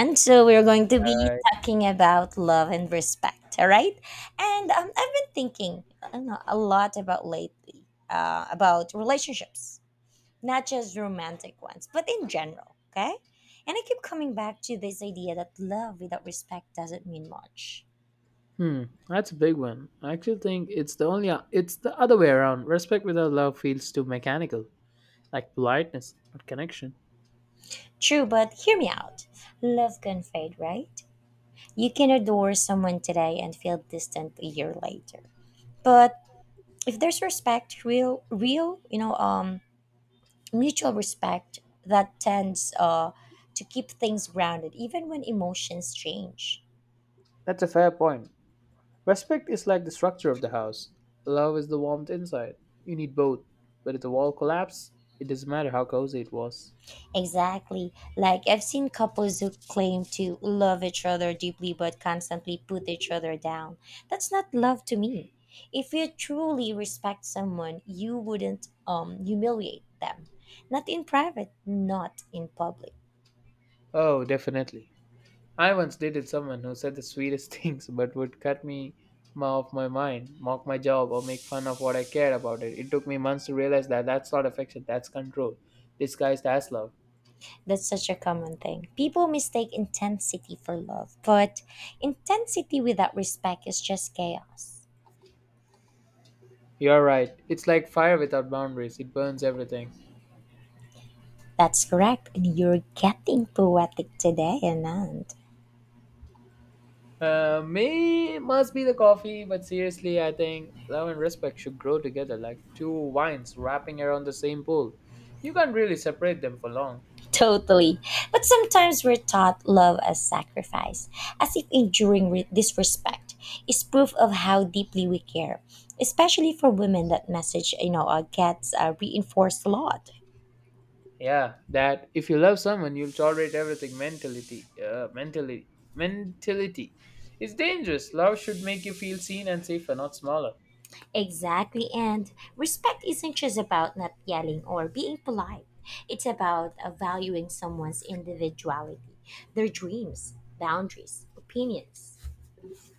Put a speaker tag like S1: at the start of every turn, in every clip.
S1: And so we're going to be
S2: Right.
S1: talking about love and respect, all right? And I've been thinking I don't know, a lot about lately about relationships, not just romantic ones, but in general, okay? And I keep coming back to this idea that love without respect doesn't mean much.
S2: Hmm, that's a big one. I actually think it's the other way around. Respect without love feels too mechanical, like politeness, not connection.
S1: True, but hear me out. Love can fade, right? You can adore someone today and feel distant a year later. But if there's respect, mutual respect that tends to keep things grounded even when emotions change.
S2: That's a fair point. Respect is like the structure of the house. Love is the warmth inside. You need both. But if the wall collapses, it doesn't matter how cozy it was.
S1: Exactly. Like I've seen couples who claim to love each other deeply but constantly put each other down. That's not love to me. If you truly respect someone, you wouldn't humiliate them. Not in private, not in public.
S2: Oh, definitely. I once dated someone who said the sweetest things but would cut off my mind, mock my job, or make fun of what I cared about it. It took me months to realize that that's not affection, that's control, disguised as love.
S1: That's such a common thing. People mistake intensity for love, but intensity without respect is just chaos.
S2: You're right. It's like fire without boundaries, it burns everything.
S1: That's correct. And you're getting poetic today, Anand.
S2: May must be the coffee, but seriously, I think love and respect should grow together like two vines wrapping around the same pool. You can't really separate them for long.
S1: Totally. But sometimes we're taught love as sacrifice, as if enduring disrespect is proof of how deeply we care. Especially for women, that message gets reinforced a lot.
S2: Yeah, that if you love someone you'll tolerate everything mentality, mentality, it's dangerous. Love should make you feel seen and safer, not smaller.
S1: Exactly. And respect isn't just about not yelling or being polite, it's about valuing someone's individuality, their dreams, boundaries, opinions.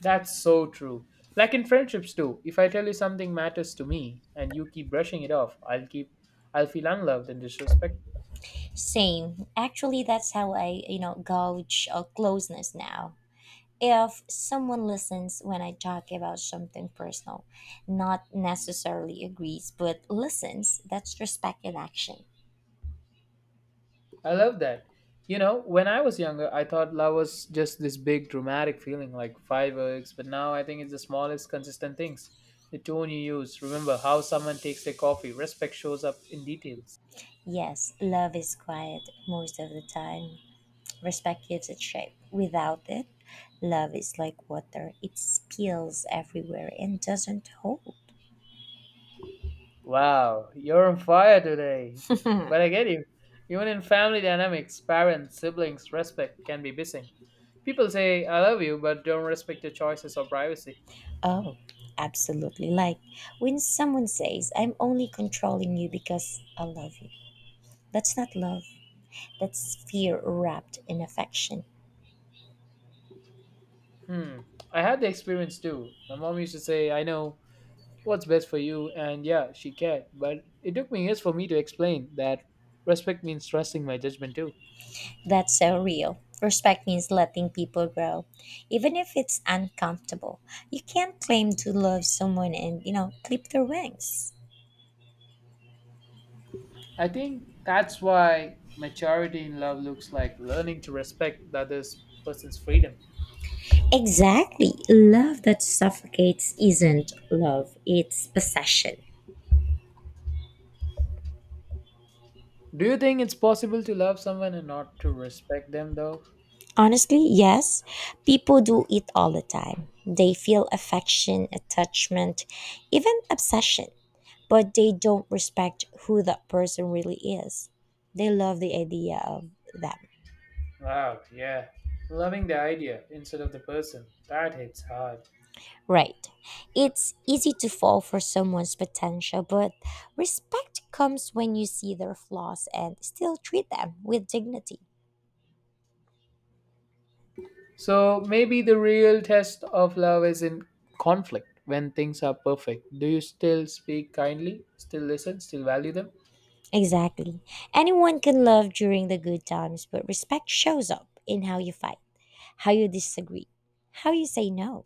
S2: That's so true. Like in friendships too, if I tell you something matters to me and you keep brushing it off, I'll feel unloved and disrespected.
S1: Same. Actually, that's how I gauge closeness now. If someone listens when I talk about something personal, not necessarily agrees, but listens, that's respect in action.
S2: I love that. You know, when I was younger, I thought love was just this big dramatic feeling like fireworks, but now I think it's the smallest consistent things. The tone you use, remember how someone takes their coffee, respect shows up in details.
S1: Yes, love is quiet most of the time. Respect gives it shape. Without it, love is like water, it spills everywhere and doesn't hold.
S2: Wow, you're on fire today. But I get you. Even in family dynamics, parents, siblings, respect can be missing. People say, I love you, but don't respect your choices or privacy.
S1: Oh, absolutely. Like when someone says, I'm only controlling you because I love you. That's not love. That's fear wrapped in affection.
S2: Hmm. I had the experience too. My mom used to say, I know what's best for you, and yeah, she cared, but it took me years for me to explain that respect means trusting my judgment too.
S1: That's so real. Respect means letting people grow, even if it's uncomfortable. You can't claim to love someone and, you know, clip their wings.
S2: I think that's why maturity in love looks like learning to respect the other person's freedom.
S1: Exactly. Love that suffocates isn't love, it's possession.
S2: Do you think it's possible to love someone and not to respect them though?
S1: Honestly, yes. People do it all the time. They feel affection, attachment, even obsession, but they don't respect who that person really is. They love the idea of them.
S2: Wow, yeah, loving the idea instead of the person, that hits hard.
S1: Right. It's easy to fall for someone's potential, but respect comes when you see their flaws and still treat them with dignity.
S2: So maybe the real test of love is in conflict when things are perfect. Do you still speak kindly, still listen, still value them?
S1: Exactly. Anyone can love during the good times, but respect shows up in how you fight, how you disagree, how you say no.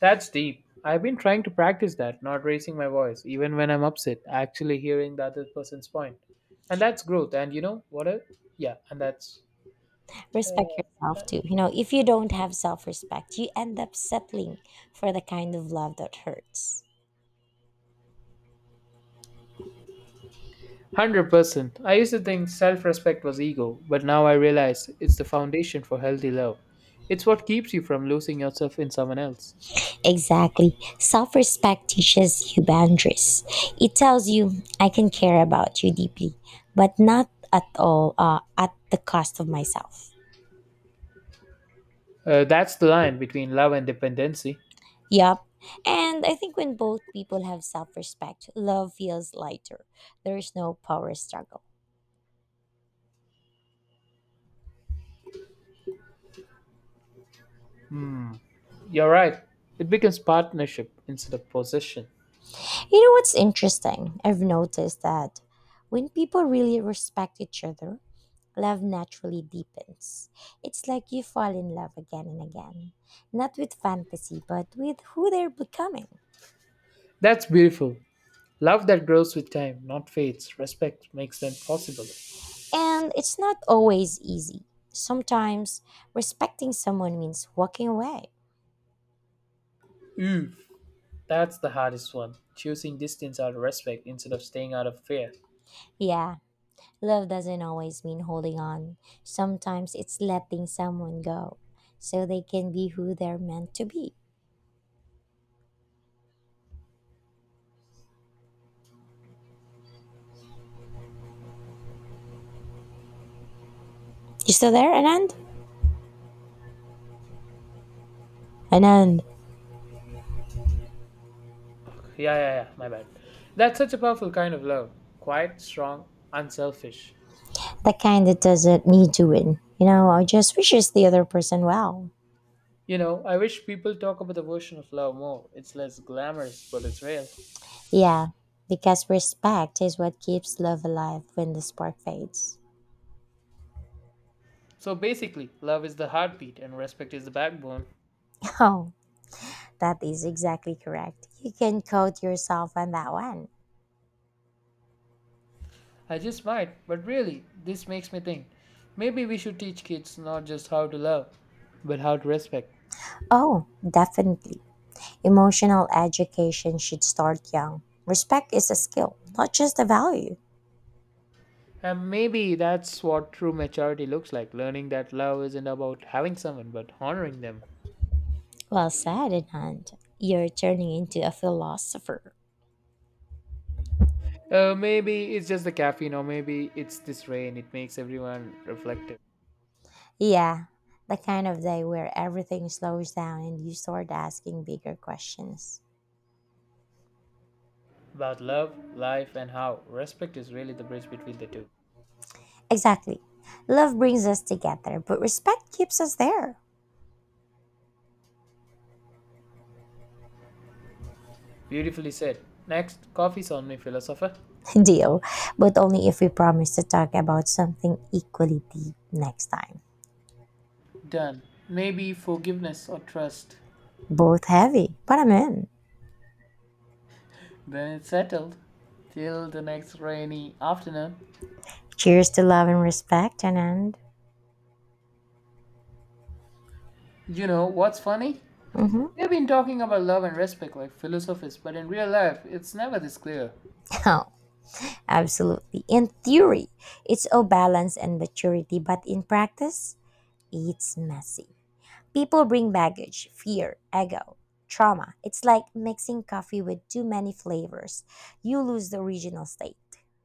S2: That's deep. I've been trying to practice that, not raising my voice, even when I'm upset, actually hearing the other person's point. And that's growth. And you know what else? Yeah, and that's
S1: Respect yourself too. You know, if you don't have self respect, you end up settling for the kind of love that hurts.
S2: 100%. I used to think self respect was ego, but now I realize it's the foundation for healthy love. It's what keeps you from losing yourself in someone else.
S1: Exactly. Self respect teaches you boundaries. It tells you, I can care about you deeply, but not at the cost of myself.
S2: That's the line between love and dependency.
S1: Yep. And I think when both people have self respect, love feels lighter. There is no power struggle.
S2: Hmm, you're right. It becomes partnership instead of possession.
S1: You know what's interesting? I've noticed that when people really respect each other, love naturally deepens. It's like you fall in love again and again, not with fantasy, but with who they're becoming.
S2: That's beautiful. Love that grows with time, not fades. Respect makes them possible.
S1: And it's not always easy. Sometimes respecting someone means walking away.
S2: Oof, that's the hardest one. Choosing distance out of respect instead of staying out of fear.
S1: Yeah, love doesn't always mean holding on. Sometimes it's letting someone go so they can be who they're meant to be. You still there, Anand? Anand,
S2: Yeah, yeah, yeah, my bad. That's such a powerful kind of love. Quiet, strong, unselfish.
S1: the kind that doesn't need to win. You know, or just wishes the other person well.
S2: You know, I wish people talk about the version of love more. It's less glamorous, but it's real.
S1: Yeah, because respect is what keeps love alive when the spark fades.
S2: So basically, love is the heartbeat and respect is the backbone.
S1: Oh, that is exactly correct. You can quote yourself on that one.
S2: I just might, but really, this makes me think. Maybe we should teach kids not just how to love, but how to respect.
S1: Oh, definitely. Emotional education should start young. Respect is a skill, not just a value.
S2: And maybe that's what true maturity looks like, learning that love isn't about having someone, but honoring them.
S1: Well said, Anand. You're turning into a philosopher.
S2: Maybe it's just the caffeine, or maybe it's this rain. It makes everyone reflective
S1: Yeah, the kind of day where everything slows down and you start asking bigger questions.
S2: about love, life, and how respect is really the bridge between the two.
S1: Exactly. Love brings us together, but respect keeps us there.
S2: Beautifully said. Next, coffee's on me, philosopher.
S1: Deal, but only if we promise to talk about something equally deep next time.
S2: Done. Maybe forgiveness or trust.
S1: Both heavy, but I'm in.
S2: Then it's settled. Till the next rainy afternoon.
S1: Cheers to love and respect, and
S2: You know what's funny?
S1: mm-hmm.
S2: We've been talking about love and respect like philosophers, but in real life, it's never this clear.
S1: Oh, absolutely. In theory, it's all balance and maturity, but in practice, it's messy. People bring baggage, fear, ego, trauma. It's like mixing coffee with too many flavors. You lose the original state.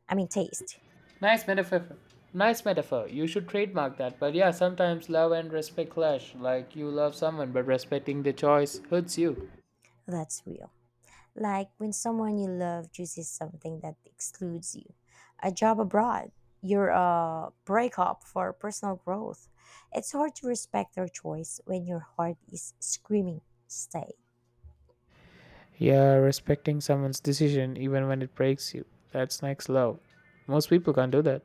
S1: I mean, taste.
S2: Nice metaphor. Nice metaphor. You should trademark that. But yeah, sometimes love and respect clash. Like you love someone, but respecting the choice hurts you.
S1: That's real. Like when someone you love chooses something that excludes you a job abroad, your breakup for personal growth. It's hard to respect their choice when your heart is screaming, stay.
S2: Yeah, respecting someone's decision even when it breaks you, that's next love. Most people can't do that.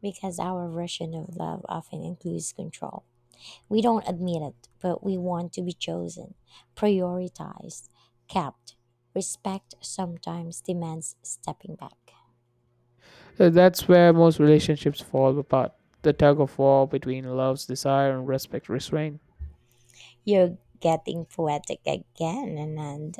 S1: Because our version of love often includes control. We don't admit it, but we want to be chosen, prioritized, kept. Respect sometimes demands stepping back.
S2: So that's where most relationships fall apart. The tug of war between love's desire and respect restraint.
S1: You're getting poetic again, Anand.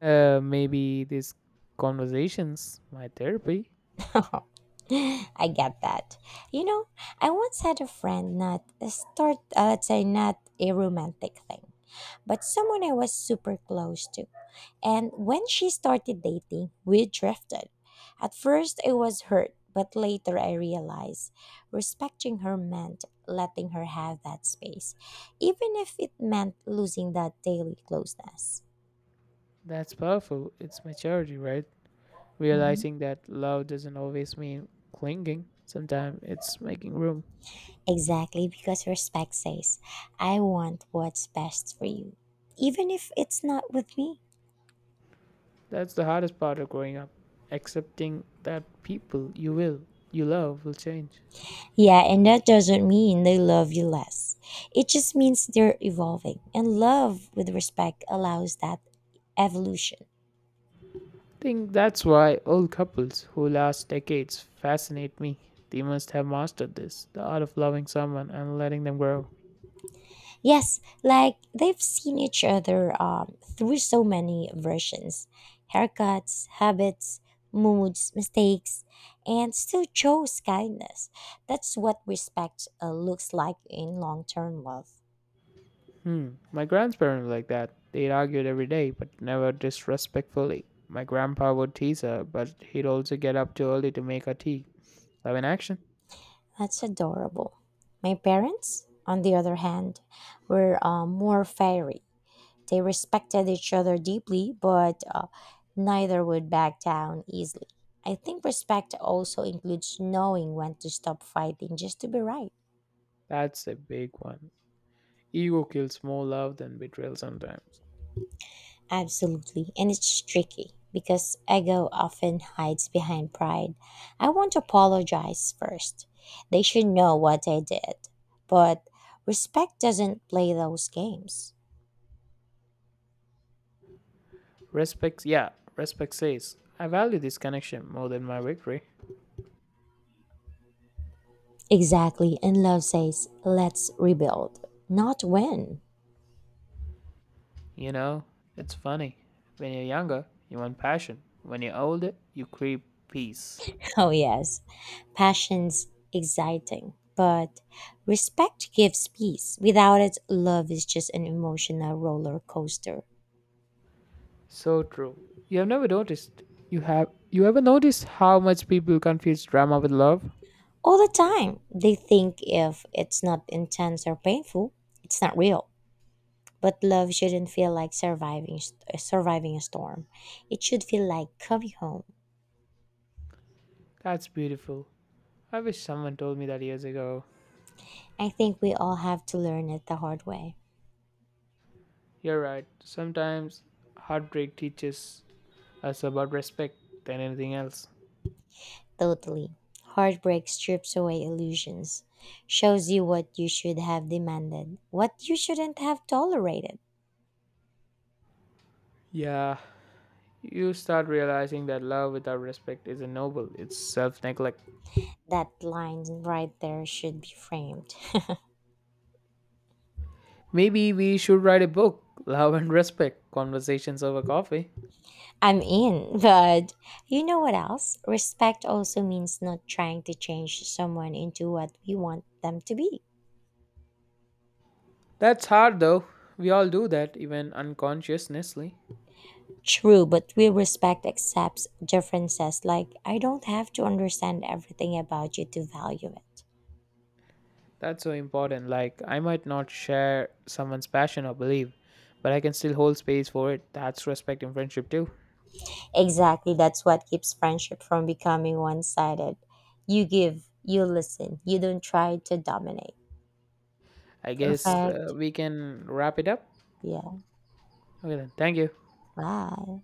S2: Maybe these conversations, my therapy.
S1: I get that. You know, I once had a friend, not a start, let's say, not a romantic thing, but someone I was super close to. And when she started dating, we drifted. At first, I was hurt, but later I realized respecting her meant letting her have that space, even if it meant losing that daily closeness.
S2: That's powerful. It's maturity, right?
S1: Mm-hmm.
S2: Realizing that love doesn't always mean clinging. Sometimes it's making room.
S1: Exactly, because respect says, I want what's best for you, even if it's not with me.
S2: That's the hardest part of growing up, accepting that you love will change.
S1: Yeah, and that doesn't mean they love you less. It just means they're evolving, and love with respect allows that evolution.
S2: Think that's why old couples who last decades fascinate me. They must have mastered this, the art of loving someone and letting them grow.
S1: Yes, like they've seen each other through so many versions haircuts, habits, moods, mistakes, and still chose kindness. That's what respect looks like in long term love.
S2: Hmm, my grandparents were like that. They argued every day, but never disrespectfully. My grandpa would tease her, but he'd also get up too early to make her tea. Love in action.
S1: That's adorable. My parents, on the other hand, were more fiery. They respected each other deeply, but neither would back down easily. I think respect also includes knowing when to stop fighting just to be right.
S2: That's a big one. Ego kills more love than betrayal sometimes.
S1: Absolutely, and it's tricky because ego often hides behind pride. I want to apologize first. They should know what I did, but respect doesn't play those games.
S2: Respect, yeah, Respect says, I value this connection more than my victory.
S1: Exactly, and love says, let's rebuild, not when.
S2: You know, it's funny. When you're younger, you want passion. When you're older, you crave peace.
S1: Oh, yes, passion's exciting, but respect gives peace. Without it, love is just an emotional roller coaster.
S2: So true. You have never noticed. You have you ever noticed how much people confuse drama with love?
S1: All the time, they think if it's not intense or painful, it's not real. But love shouldn't feel like surviving a storm. It should feel like coming home.
S2: That's beautiful. I wish someone told me that years ago.
S1: I think we all have to learn it the hard way.
S2: You're right. Sometimes heartbreak teaches us about respect than anything else.
S1: Totally. Heartbreak strips away illusions, shows you what you should have demanded, what you shouldn't have tolerated.
S2: Yeah. You start realizing that love without respect isn't noble, it's self neglect.
S1: That line right there should be framed.
S2: Maybe we should write a book, Love and Respect Conversations Over Coffee.
S1: I'm in, but you know what else? Respect also means not trying to change someone into what we want them to be.
S2: That's hard though. We all do that, even unconsciously.
S1: True, but we respect accepts differences. Like, I don't have to understand everything about you to value it.
S2: That's so important. Like, I might not share someone's passion or belief, but I can still hold space for it. That's respect in friendship, too.
S1: Exactly, that's what keeps friendship from becoming one sided. You give, you listen, you don't try to dominate.
S2: I guess
S1: Perfect.
S2: we can wrap it up.
S1: Yeah,
S2: Okay, then. Thank you.
S1: bye.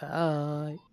S2: Bye.